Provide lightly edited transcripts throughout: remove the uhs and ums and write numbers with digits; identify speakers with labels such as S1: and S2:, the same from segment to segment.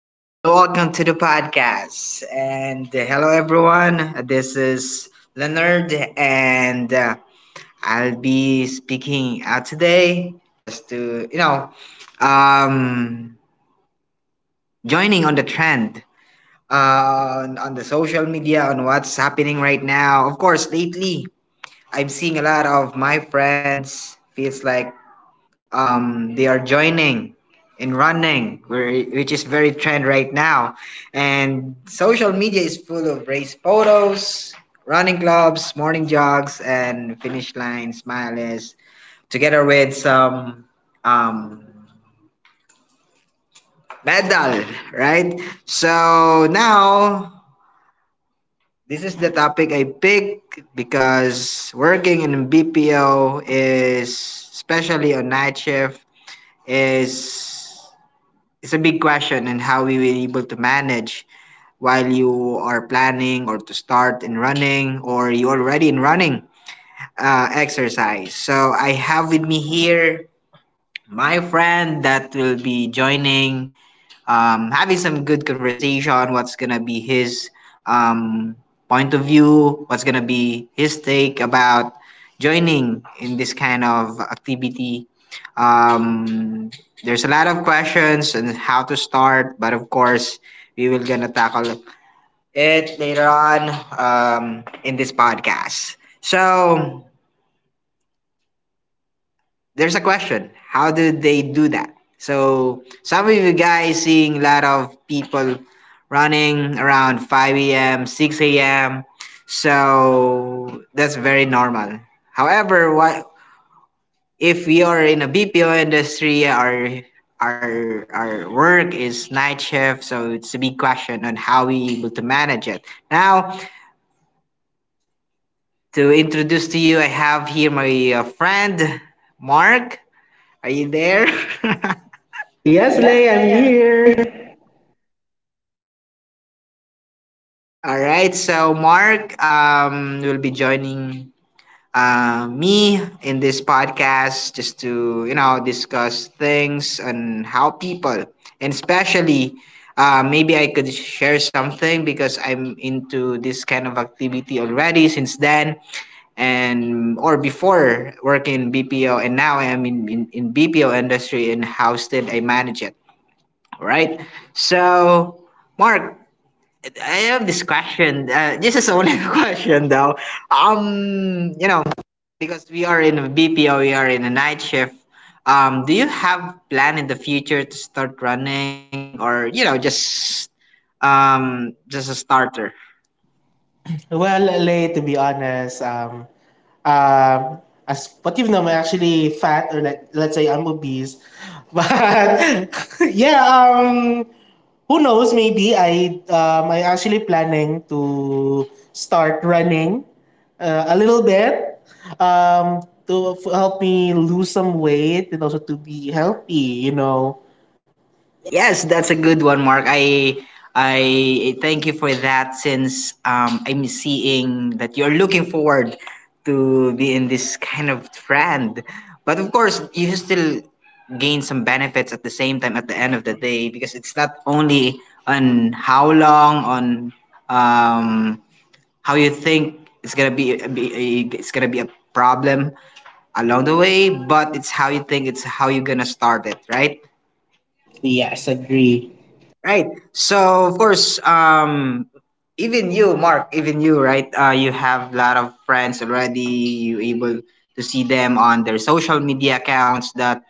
S1: Hello and welcome to the podcast. And hello everyone. This is Leonard, and I'll be speaking out today just to um, joining on the trend on the social media on what's happening right now. Of course, lately I'm seeing a lot of my friends feels like they are joining in running, which is very trend right now. And social media is full of race photos, running clubs, morning jogs, and finish line smileys, together with some um, medal, right? So now this is the topic I picked because working in BPO is, especially on night shift, is It's a big question and how we were able to manage while you are planning or to start in running or you already in running exercise. So I have with me here my friend that will be joining having some good conversation. What's gonna be his um, point of view? What's gonna be his take about joining in this kind of activity? Um, there's a lot of questions and how to start, but of course, we will gonna tackle it later on in this podcast. So there's a question, how do they do that? So some of you guys seeing a lot of people running around 5 a.m., 6 a.m. So that's very normal. However, what if you are in a BPO industry? Our work is night shift. So it's a big question on how we able to manage it. Now, to introduce to you, I have here my friend Mark, are you there?
S2: Yes,
S1: Yes,
S2: Lay, I'm
S1: they.
S2: here.
S1: All right, so Mark will be joining me in this podcast just to, you know, discuss things on how people, and especially maybe I could share something because I'm into this kind of activity already since then, and or before working in BPO, and now I am in BPO industry and how still I manage it. All right, so Mark, I have this question. This is only a question though. Um, you know, because we are in a BPO, we are in a night shift. Do you have plan in the future to start running or just just a starter?
S2: Well, Lay, to be honest, as what you've known, I'm actually fat, or like, let's say I'm obese. But yeah, um, who knows? Maybe I actually planning to start running a little bit to help me lose some weight and also to be healthy. You know.
S1: Yes, that's a good one, Mark. I thank you for that since I'm seeing that you're looking forward to be in this kind of trend. But of course, you still gain some benefits at the same time at the end of the day because it's not only on how long on um, how you think it's gonna be a problem along the way, but it's how you think it's how you're gonna start it, right?
S2: Yes, agree.
S1: Right. So of course, even you, Mark, even you, right? You have a lot of friends already. You able to see them on their social media accounts. That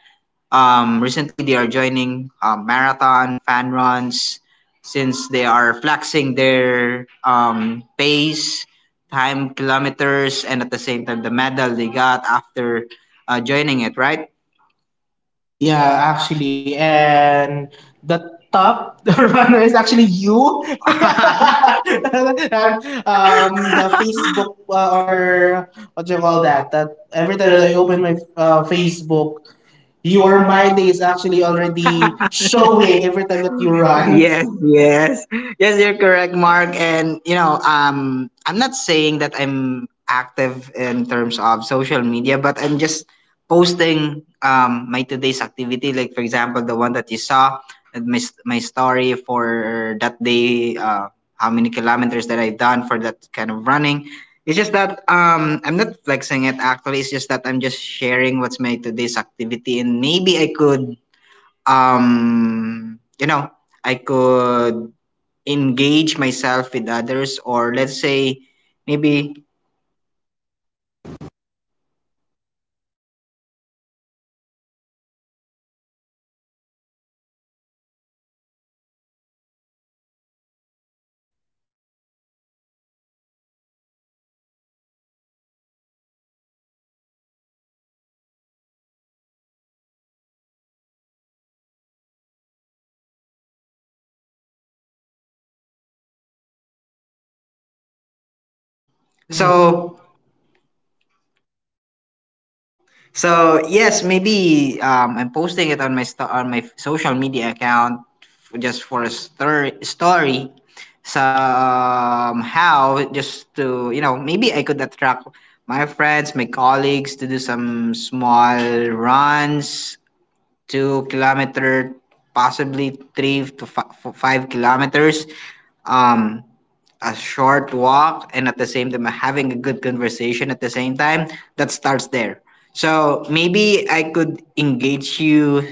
S1: recently they are joining marathon fan runs since they are flexing their pace, time, kilometers, and at the same time the medal they got after joining it. Right.
S2: Yeah,
S1: Yeah.
S2: actually, and the
S1: Huh?
S2: top
S1: The
S2: runner
S1: man
S2: is
S1: was
S2: actually
S1: actually
S2: you.
S1: you. And,
S2: The Facebook
S1: or what
S2: or what do
S1: do
S2: you
S1: you
S2: call
S1: call that?
S2: that? That every
S1: Every
S2: time
S1: time
S2: that
S1: I
S2: I open
S1: open
S2: my
S1: my Facebook,
S2: Facebook, your
S1: your
S2: my
S1: mind
S2: day
S1: is
S2: is actually
S1: actually already
S2: already showing
S1: showing
S2: every time
S1: that
S2: that you
S1: you're right.
S2: run. Yeah.
S1: Yes, yes. Yes, you're correct, Mark. And I'm not saying that I'm active in terms of social media, but I'm just posting my today's activity, like for example, the one that you saw, and my my story for that day, how many kilometers that I've done for that kind of running. It's just that I'm not flexing it actually. It's just that I'm just sharing what's my today's activity, and maybe um, you know, I could engage myself with others, or let's say maybe
S2: Mhm. So
S1: so. So
S2: so
S1: yes,
S2: yes.
S1: maybe I'm posting it on my social media account just for a story. Somehow, just to maybe I could attract my friends, my colleagues to do some small runs, 2 km, possibly three to 5 km. Um, a short walk and at the same time having a good conversation at the same time that starts there. So maybe I could engage you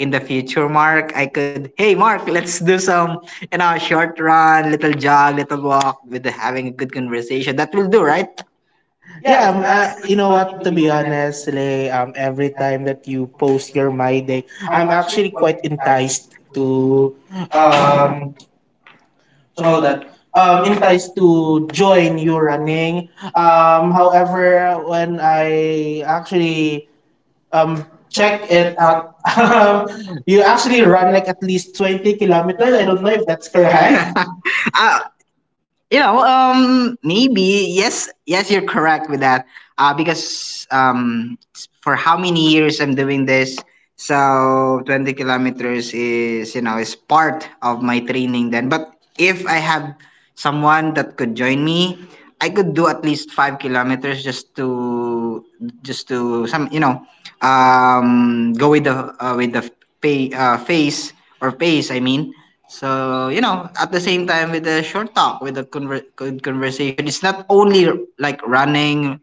S1: in the future, Mark. I could Hey, Mark, let's do some short run, little jog, little walk with having a good conversation. That will do, right?
S2: Yeah,
S1: Yes, that is
S2: you know
S1: what
S2: what?
S1: should
S2: To
S1: be
S2: be
S1: done. And
S2: honest, Lay, every time that you post your My Day,
S1: I'm
S2: I'm
S1: actually
S2: actually quite
S1: enticed
S2: enticed
S1: to
S2: to
S1: um
S2: um
S1: so
S2: you call
S1: that.
S2: that
S1: Enticed
S2: enticed
S1: to
S2: to
S1: join
S2: join you
S1: your running.
S2: running.
S1: However,
S2: However, when
S1: I
S2: I
S1: actually
S2: actually
S1: um,
S2: um check
S1: checked it
S2: it out. um
S1: out. He
S2: you
S1: actually
S2: actually run like
S1: runs
S2: at least
S1: 20
S2: 20 kilometers.
S1: kilometers. I
S2: I
S1: don't
S2: don't know
S1: know if
S2: if
S1: that's
S2: that's
S1: still
S2: correct.
S1: high. uh, Maybe yes, yes, you're correct with that. Because for how many years I'm doing this, so 20 kilometers is you know is part of my training then. But if I have someone that could join me, I could do at least 5 km just to some go with the with the pay, face or pace, I mean, so, at the same time with the short talk, with the good conversation, it's not only like running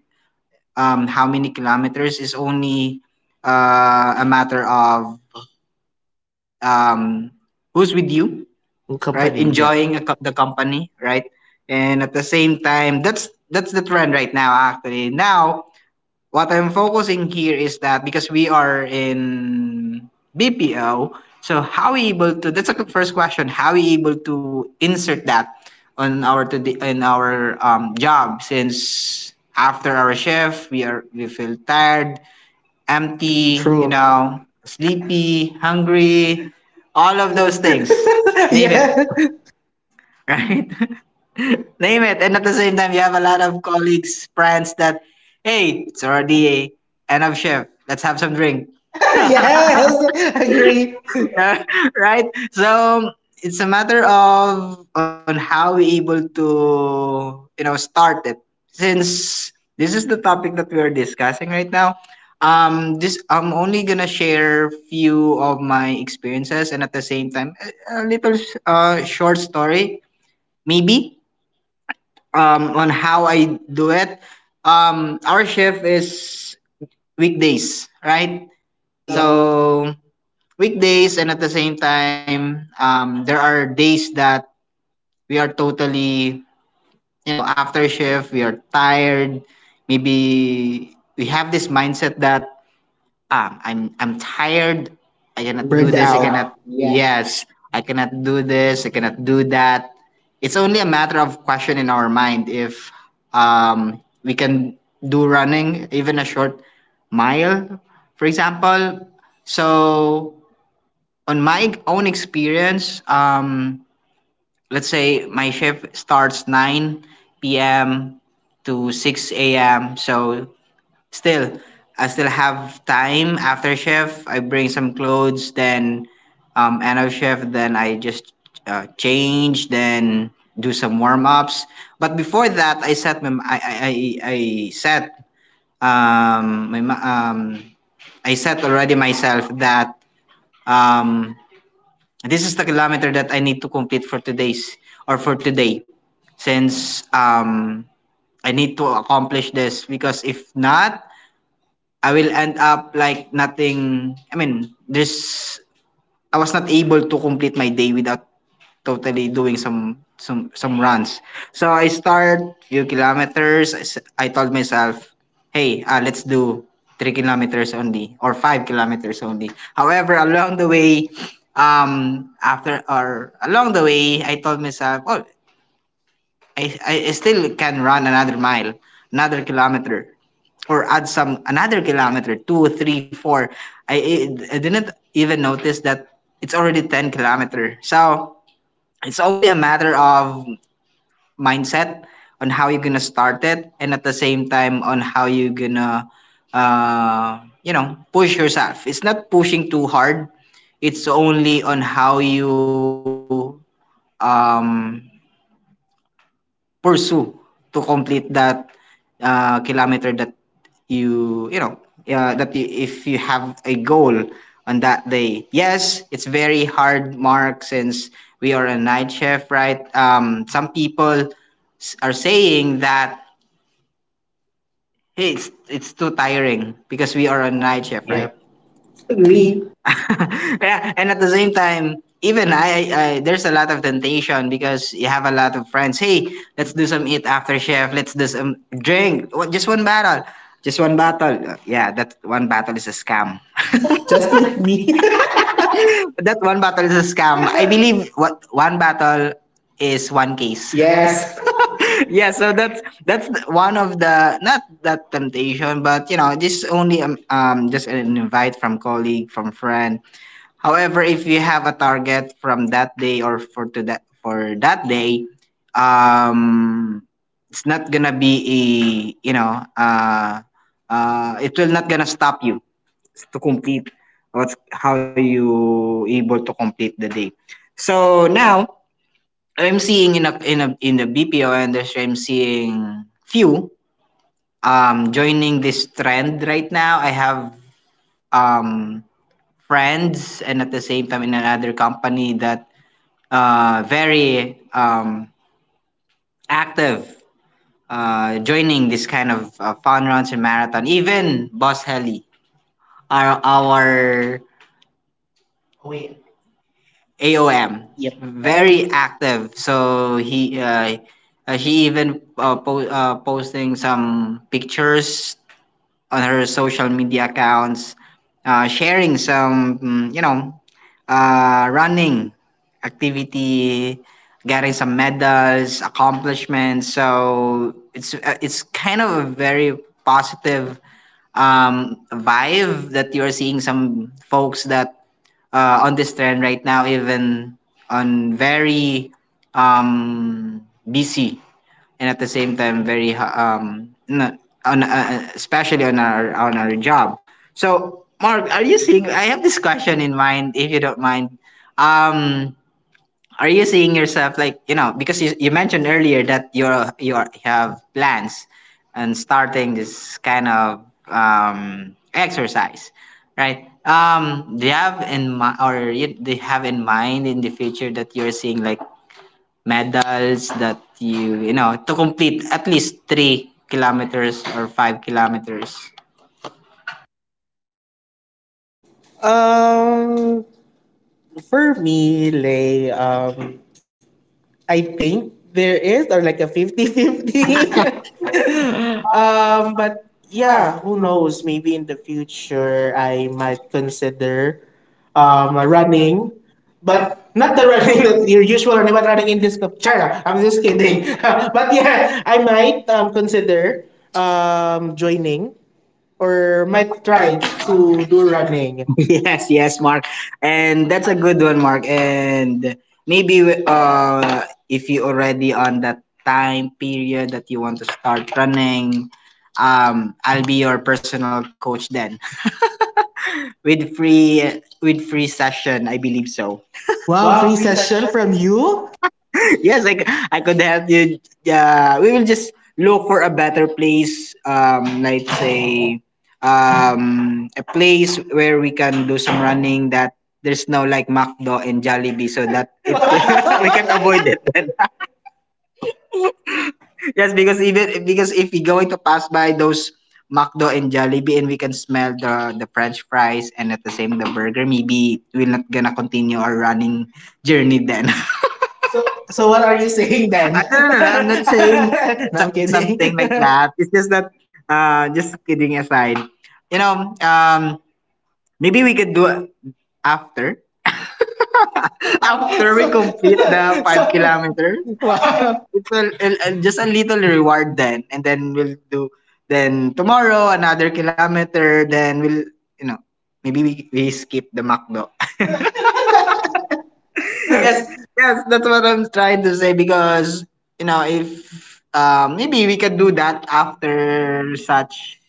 S1: how many kilometers, it's only a matter of um, who's with you, right?
S2: Company, yeah.
S1: Enjoying the company, right? And at the same time, that's the trend right now actually. Now what I'm focusing here is that because we are in BPO, so how we able to that's a first question, how we able to insert that on our to the, in our job since after our shift we are we feel tired, empty,
S2: True.
S1: sleepy, hungry,
S2: All
S1: all of
S2: of those
S1: those
S2: things.
S1: things. Name it.
S2: yeah
S1: Right? Name it. And at the same time, you have a lot of colleagues, friends that, hey, it's already
S2: are.
S1: a end of shift. Let's have some drink.
S2: Yes, agree.
S1: Right? So it's a matter of on how we able to, start it. Since this is the topic that we are discussing right now, this I'm only gonna share few of my experiences and at the same time a little short story maybe on how I do it. Our shift is weekdays, right?
S2: Yep, so
S1: So weekdays, and at the same time, there are days that we are totally, after shift, we are tired. Maybe we have this mindset that I'm tired. I
S2: like
S1: cannot do
S2: burned
S1: this. I
S2: out.
S1: cannot. Yes, I cannot do this. I cannot do that. It's only a matter of question in our mind if we can do running, even a short mile, for example. So on my own experience, let's say my shift starts 9 p.m. to 6 a.m. Still, I still have time after shift. I bring some clothes, then end of shift, then I just change, then do some warm ups. But before that, I set um my ma- um already myself that um this is the kilometer that I need to complete for today's or for today since I need to accomplish this because if not I will end up like nothing. I mean, there's I was not able to complete my day without totally doing some runs. So I started few kilometers. I told myself, hey, let's do 3 km only or 5 km only. However, along the way, I told myself, oh, I still can run another mile, another kilometer or add some another kilometer, two, three, four. I didn't even notice that it's already 10 km. So it's only a matter of mindset on how you're gonna start it, and at the same time on how you're gonna, push yourself. It's not pushing too hard. It's only on how you um pursue to complete that kilometer you you know that you, if you have a goal on that day. Yes, it's very hard, Mark, since we are a night shift, right? Some people are saying that, hey, it's too tiring because we are a night shift,
S2: Yep,
S1: right?
S2: agree.
S1: Yeah, and at the same time, even there's a lot of temptation because you have a lot of friends. Hey, let's do some eat after chef. Let's do some drink. Just one battle. Just one battle. Yeah, that one battle is a scam.
S2: Just
S1: Just
S2: like
S1: like
S2: me.
S1: me. That one battle is a scam. I believe what one battle is one case.
S2: Yes.
S1: Yes. Yeah, so that's one of the not that temptation, but you know, this only just an invite from colleague, from friend. However, if you have a target from that day or for that day, um, it's not gonna be a you know uh, it will not gonna stop you to complete what's how you able to complete the day. So now I'm seeing in a in a in the BPO industry, I'm seeing few joining this trend right now. I have um friends and at the same time in another company that very active, joining this kind of fun runs and marathon. Even Boss Heli, our
S2: AOM.
S1: AOM,
S2: Yep.
S1: very
S2: Very.
S1: active. So he even posting some pictures on her social media accounts, sharing some running activity, getting some medals, accomplishments. So it's kind of a very positive vibe that you are seeing some folks that on this trend right now, even on very um, busy and at the same time very um n- on especially on our job. So Mark, are you seeing? I have this question in mind, if you don't mind. Um, are you seeing yourself like you know because you mentioned earlier that you have plans and starting this kind of exercise, right? Do you have in mind or do you have in mind in the future that you're seeing like medals that you know to complete at least 3 kilometers or 5 kilometers.
S2: Um, for me, Lay, I think there is or like a 50-50.
S1: Uh,
S2: But yeah,
S1: yeah, who
S2: who
S1: knows?
S2: knows? Maybe
S1: Maybe
S2: in the future
S1: later I
S2: I
S1: might
S2: might consider
S1: a ramen.
S2: running, but
S1: But
S2: not the
S1: the running
S2: running that
S1: was
S2: your usual
S1: usually a
S2: running, but
S1: lot of.
S2: running in this cup. Chara,
S1: I'm
S2: I'm
S1: just
S2: just
S1: kidding.
S2: kidding.
S1: But
S2: But
S1: yeah,
S2: yeah,
S1: I
S2: I
S1: might
S2: might
S1: consider
S2: consider joining or
S1: Michael
S2: might try
S1: Pratt
S2: to
S1: to do
S2: do
S1: running.
S2: running.
S1: Yes, yes, Mark. And that's a good one, Mark. And maybe if you already on that time period that you want to start running, I'll be your personal coach then with free session. I believe so.
S2: Wow,
S1: Wow,
S2: free
S1: free
S2: session
S1: session.
S2: from you?
S1: Yes, I could help you. We will just look for a better place. Let's say a place where we can do some running that there's no like McDo and Jollibee so that it we can avoid
S2: Wow.
S1: it. Then, yes, because even because if we going to pass by those McDo and Jollibee and we can smell the French fries and at the same the burger, maybe we're not gonna continue our running journey then. So, so
S2: So what
S1: what
S2: are
S1: are
S2: you
S1: you saying,
S2: saying
S1: ma'am? I
S2: then?
S1: no not know. I'm not saying
S2: No, I'm
S1: Okay, something like
S2: kidding.
S1: that. It's just that, just kidding aside, you know, maybe we could do it after,
S2: Wow.
S1: after we
S2: So,
S1: complete the five
S2: so
S1: kilometers.
S2: wow.
S1: It's a, just a little reward then, and then we'll do. Then tomorrow another kilometer. Then we'll, you know, maybe we skip the McDo. Yes, yes, that's what I'm trying to say because you know if maybe we can do that after such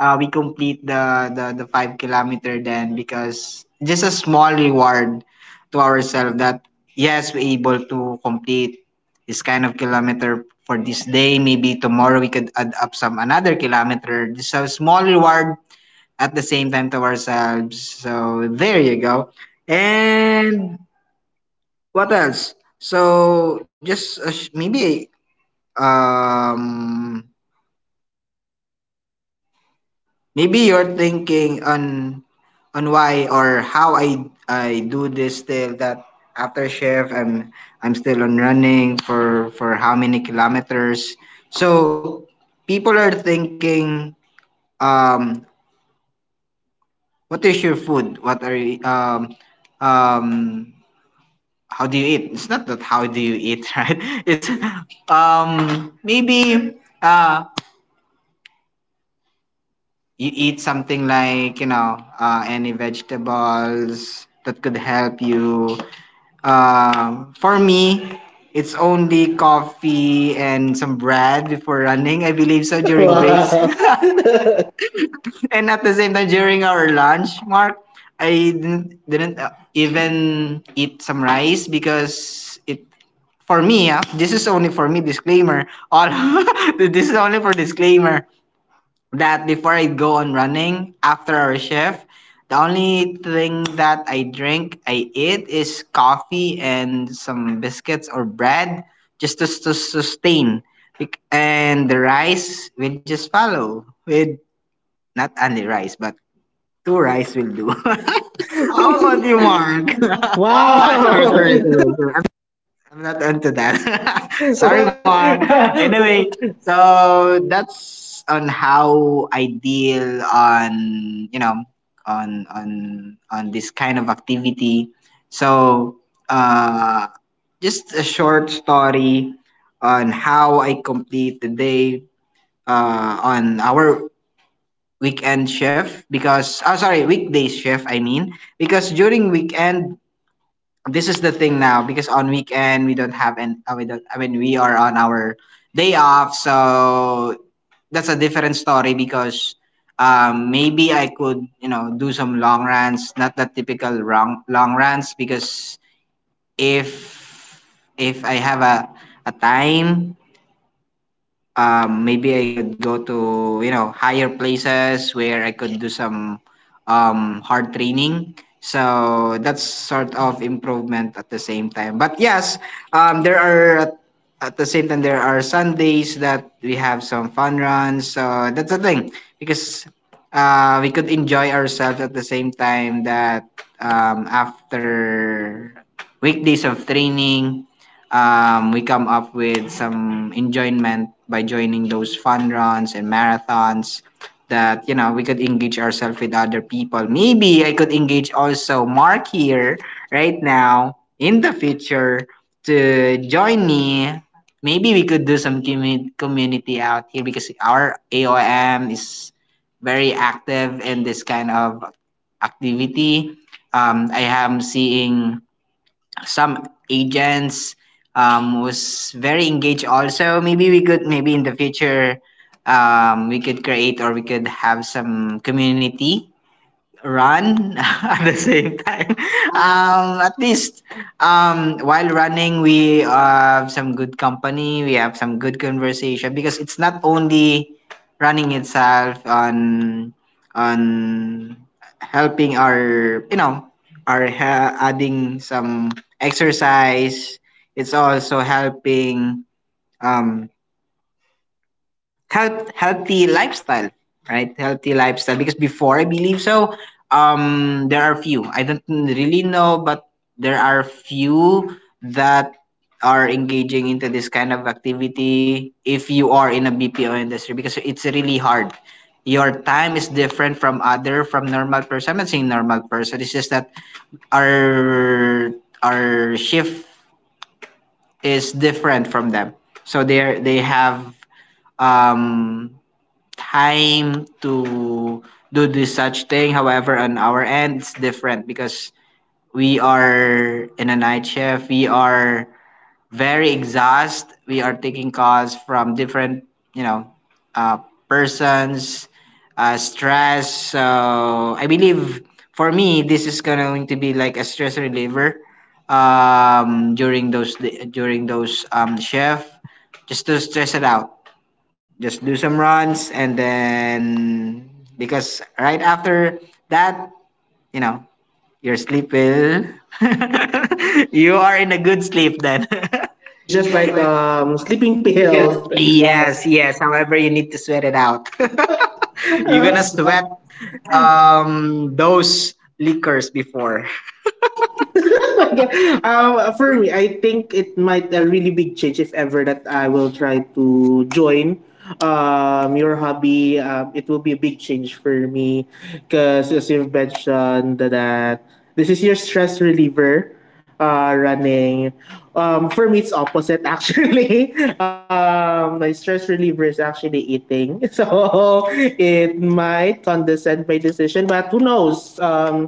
S1: we complete the 5 kilometer then because just a small reward to ourselves that yes we're able to complete this kind of kilometer for this day. Maybe tomorrow we could add up some another kilometer, just a small reward at the same time to ourselves, so there you go. And what else? So just maybe um maybe you're thinking on why or how I do this still that after shift I'm still on running for how many kilometers. So people are thinking um what is your food? What are you, um how do you eat? It's not that how do you eat, right? It's maybe uh you eat something like you know any vegetables that could help you. For me, it's only coffee and some bread before running, I believe so, during breaks.
S2: Wow.
S1: And at the same time during our lunch, Mark, I didn't even eat some rice because it, for me, ah, this is only for me disclaimer. All this is only for disclaimer that before I go on running after our shift, the only thing that I drink, I eat is coffee and some biscuits or bread just to sustain. And the rice will just follow with not only rice, but two rice will do. How about you, Mark? Wow. Ah,
S2: Wow.
S1: sorry, I'm not onto that. Sorry, Mar. Anyway,
S2: So
S1: so that's on how I deal on you know on on on this kind of activity. So uh, just a short story on how I complete the day on our weekend shift, because oh sorry, weekday shift I mean, because during weekend, this is the thing now, because on weekend we don't have and we don't, I mean we are on our day off, so that's a different story because maybe I could you know do some long runs, not that typical long runs because if I have a time, maybe I could go to you know higher places where I could do some hard training. So that's sort of improvement at the same time. But yes, there are at the same time there are Sundays that we have some fun runs. So that's the thing because we could enjoy ourselves at the same time that after weekdays of training, we come up with some enjoyment by joining those fun runs and marathons that you know we could engage ourselves with other people. Maybe I could engage also Mark here right now in the future to join me. Maybe we could do some community out here because our AOM is very active in this kind of activity. I am seeing some agents was very engaged also. Maybe we could, maybe in the future, we could create or we could have some community run at the same time. At least while running, we have some good company. We have some good conversation because it's not only running itself on on helping our you know our adding some exercise. It's also helping um, health, healthy lifestyle, right? Healthy lifestyle. Because before I believe so, there are few. I don't really know, but there are few that are engaging into this kind of activity if you are in a BPO industry because it's really hard. Your time is different from other from normal person. I'm not saying normal person. It's just that our our shift is different from them. So they have um time to do this such thing. However, on our end, it's different because we are in a night shift. We are very exhausted. We are taking calls from different, you know, uh, persons, stress. So I believe for me, this is going to be like a stress reliever during those shift just to stress it out, just do some runs. And then because right after that, you know, your sleep will you are in a good sleep then.
S2: it's
S1: It's
S2: just
S1: just
S2: like
S1: like
S2: sleeping
S1: yeah.
S2: pills. Yes,
S1: Yes, yes, however you need to sweat it out. You're
S2: I
S1: gonna
S2: just
S1: sweat
S2: swept um
S1: those liquors before.
S2: for me, I think it might a really big change if ever that I will try to join your hobby. It will be a big change for me because as you've mentioned that this is your stress reliever. Running. For me, it's opposite actually. My stress reliever is actually eating, so it might condescend my decision. But who knows?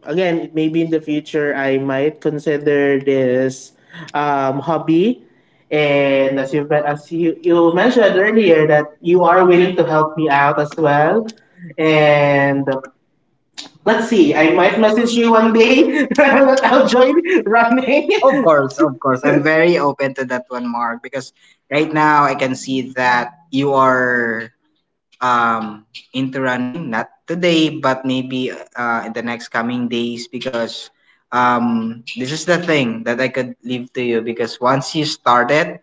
S2: Again, maybe in the future I might consider this hobby.
S1: And
S2: And
S1: as
S2: you
S1: you
S2: mentioned
S1: mentioned earlier
S2: earlier
S1: that
S2: that
S1: you
S2: you
S1: are
S2: are willing
S1: willing
S2: to
S1: to help
S2: help
S1: me
S2: me
S1: out
S2: out as
S1: as
S2: well.
S1: well. And
S2: And let's
S1: let's
S2: see,
S1: see,
S2: I
S1: I
S2: might
S1: might
S2: message
S1: message you
S2: you one
S1: one day
S2: day
S1: when
S2: that
S1: I'm
S2: I'll
S1: out
S2: join running.
S1: running. Of course, of course. I'm very open to that one, Mark, because right now I can see that you are um into running, not today, but maybe in the next coming days because this is the thing that I could leave to you because once you start it,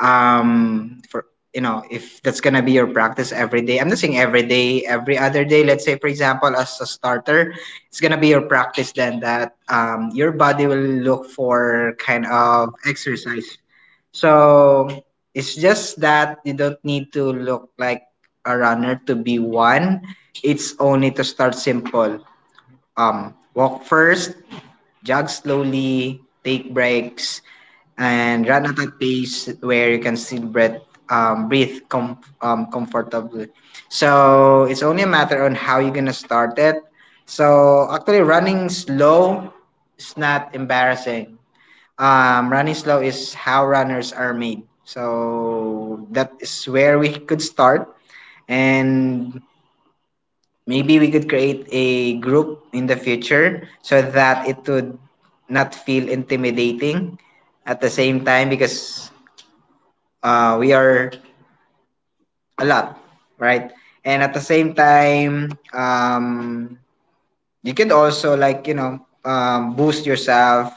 S1: for you know if that's gonna be your practice every day, I'm not saying every day, every other day, let's say for example as a starter, it's gonna be your practice then that your body will look for kind of exercise. So it's just that you don't need to look like a runner to be one. It's only to start simple, walk first, jog slowly, take breaks, and run at a pace where you can still breath, breathe comfortably. So it's only a matter on how you're gonna start it. So actually running slow is not embarrassing. Running slow is how runners are made, so that is where we could start. And maybe we could create a group in the future so that it would not feel intimidating at the same time because we are a lot, right? And at the same time, you could also like you know boost yourself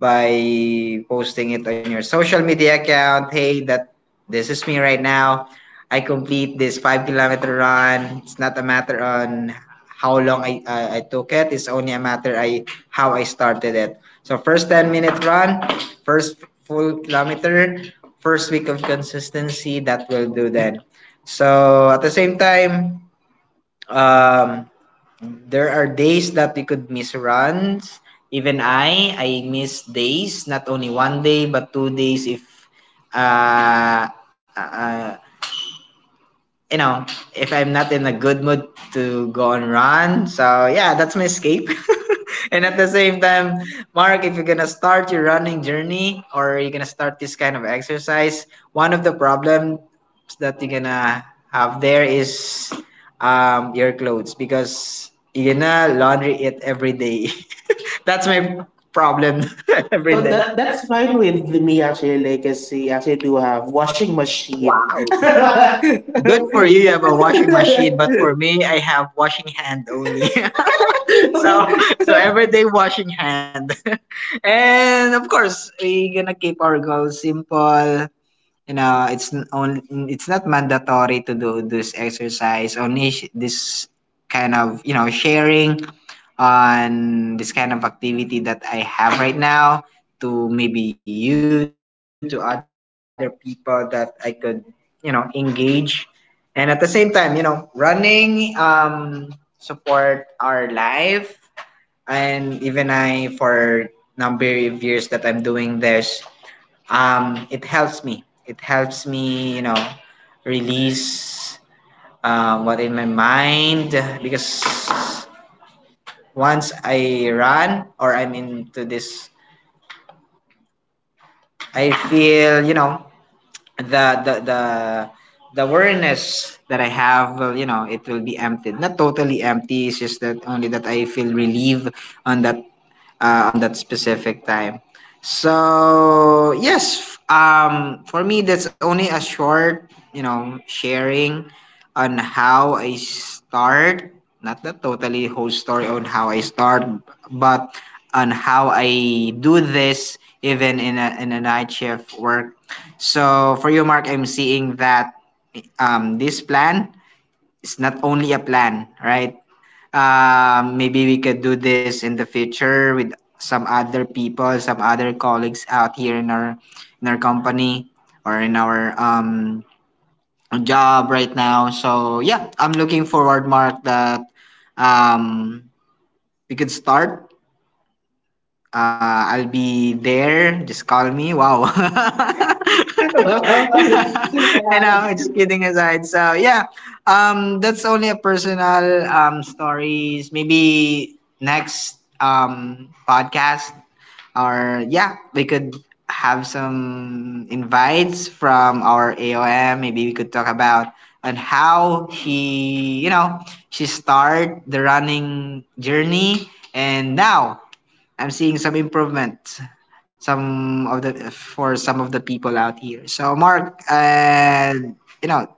S1: by posting it on your social media account. Hey, that this is me right now. I complete this 5 kilometer run. It's not a matter on how long I took it. It's only a matter I how I started it. So first 10 minute run, first full kilometer, first week of consistency, that will do then. So at the same time, um, there are days that we could miss runs. Even I miss days, not only one day, but 2 days if uh, uh, uh, you know, if I'm not in a good mood to go and run. So yeah, that's my escape. And at the same time, Mark, if you're gonna start your running journey or you're gonna start this kind of exercise, one of the problems that you're gonna have there is your clothes because you're gonna laundry it every day. That's my problem. every Well,
S2: Well,
S1: day.
S2: that
S1: That,
S2: that's
S1: that's
S2: fine
S1: fine.
S2: with me actually. Like, I see, I actually do have washing machine.
S1: Wow. Good
S2: Good
S1: for
S2: for you,
S1: you, you
S2: you have
S1: have
S2: a
S1: a washing machine, but
S2: washing
S1: for me, I have washing hand only.
S2: machine,
S1: So, so
S2: but-
S1: everyday washing hand. And of course, we gonna keep our goals simple. It's n- on It's not mandatory to do this exercise only this kind of, sharing on this kind of activity that I have right now to maybe you to other people that I could, engage, and at the same time, running support our life. And even I, for number of years that I'm doing this, it helps me, release what in my mind. Because once I run or I'm into this, I feel, the the the the awareness that I have will, it will be emptied, not totally empty, it's just that only that I feel relieved on that, on that specific time. So yes, for me that's only a short, sharing on how I start. Not the totally whole story on how I start, but on how I do this even in a night shift work. So for you, Mark, I'm seeing that this plan is not only a plan, right? Maybe we could do this in the future with some other people, some other colleagues out here in our, in our company, or in our job right now. So yeah, I'm looking forward, Mark, that um we could start. I'll be there. Just call me. Wow. And just kidding aside. So yeah, that's only a personal stories. Maybe next podcast, or yeah, we could have some invites from our AOM. Maybe we could talk about on how he, she start the running journey, and now I'm seeing some improvement, some of the for some of the people out here. So Mark, you know,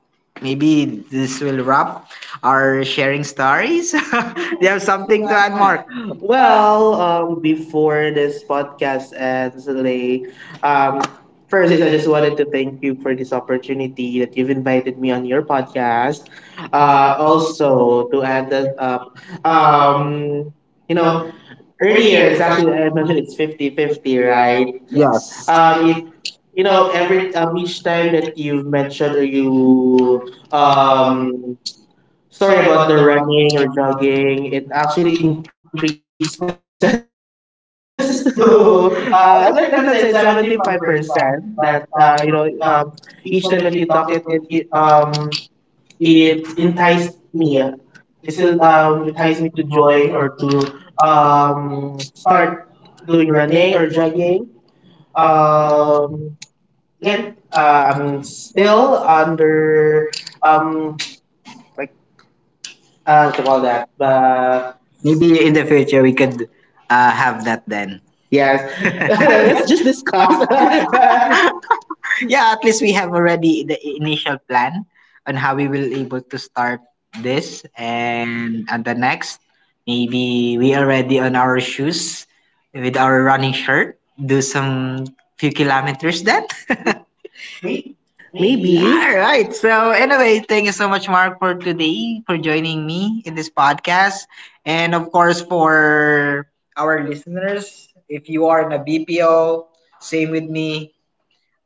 S1: maybe this will wrap our sharing stories. Do you have
S2: something to
S1: something to add,
S2: unknown.
S1: Mark?
S2: Well,
S1: Well,
S2: before
S1: before this
S2: this
S1: this podcast,
S2: podcast ends, Lay,
S1: maybe um,
S2: um, first is
S1: first,
S2: I
S1: I
S2: just
S1: just
S2: wanted
S1: wanted
S2: to
S1: to thank
S2: thank
S1: you
S2: you
S1: you
S2: for
S1: for
S2: this
S1: this
S2: opportunity
S1: opportunity that
S2: that
S1: you
S2: you've invited
S1: invited
S2: me
S1: me on
S2: on your
S1: your podcast.
S2: podcast. Also,
S1: Also,
S2: to add
S1: whoever,
S2: that up,
S1: um,
S2: um, you
S1: you know,
S2: know, earlier
S1: earlier
S2: it's
S1: it's
S2: actually,
S1: actually.
S2: I mentioned it's 50-50, right?
S1: Yes.
S2: Yes. It
S1: Um,
S2: You
S1: you
S2: know,
S1: know,
S2: every
S1: every each
S2: each time
S1: time that
S2: that
S1: you
S2: you've mentioned
S1: mentioned
S2: or you
S1: you um,
S2: um sorry
S1: sorry
S2: about
S1: about
S2: the
S1: the
S2: running
S1: running
S2: or
S1: and running
S2: jogging. It actually
S1: actually
S2: increases to
S1: increases
S2: let's say it's
S1: to,
S2: 75%
S1: I don't
S2: that
S1: think, let's say
S2: you know,
S1: seventy five
S2: each
S1: percent,
S2: time when you
S1: but
S2: talk it
S1: each time that you talk it would
S2: it
S1: be,
S2: enticed me.
S1: it
S2: It still
S1: enticed me.
S2: enticed me to
S1: It's
S2: join
S1: still
S2: or to
S1: enticing to join or to
S2: start
S1: um
S2: doing running or
S1: start
S2: jogging.
S1: doing running or jogging.
S2: Um, again,
S1: Um,
S2: I'm
S1: Yet,
S2: still under
S1: still
S2: um,
S1: under,
S2: like
S1: um,
S2: what you call that?
S1: what you call that?
S2: Maybe.
S1: Maybe in the future we could have that then.
S2: Yes,
S1: Yes.
S2: let's just discuss.
S1: Yeah, at least we have already the initial plan on how we will able to start this, and on the next maybe we already on our shoes with our running shirt, do some few kilometers then. May- Maybe.
S2: Maybe
S1: All right. So, anyway, thank you so much, Mark, for today, for joining me in this podcast. And of course, for our listeners, if you are in a BPO, same with me,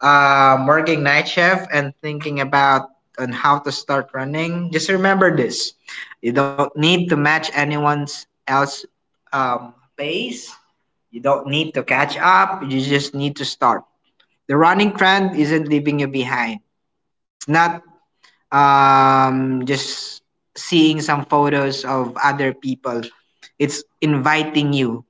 S1: working night shift and thinking about on how to start running, just remember this. You don't need to match anyone's else pace. You don't need to catch up. You just need to start. The running trend isn't leaving you behind. It's not just seeing some photos of other people. It's inviting you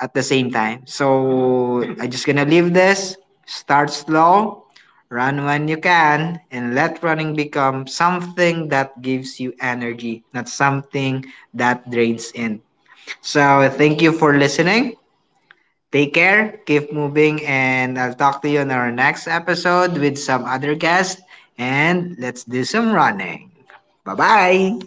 S1: at the same time. So I am just gonna leave this. Start slow, run when you can, and let running become something that gives you energy, not something that drains in. So thank you for listening. Take care, keep moving, and I'll talk to you in our next episode with some other guests. And let's do some running. Bye bye.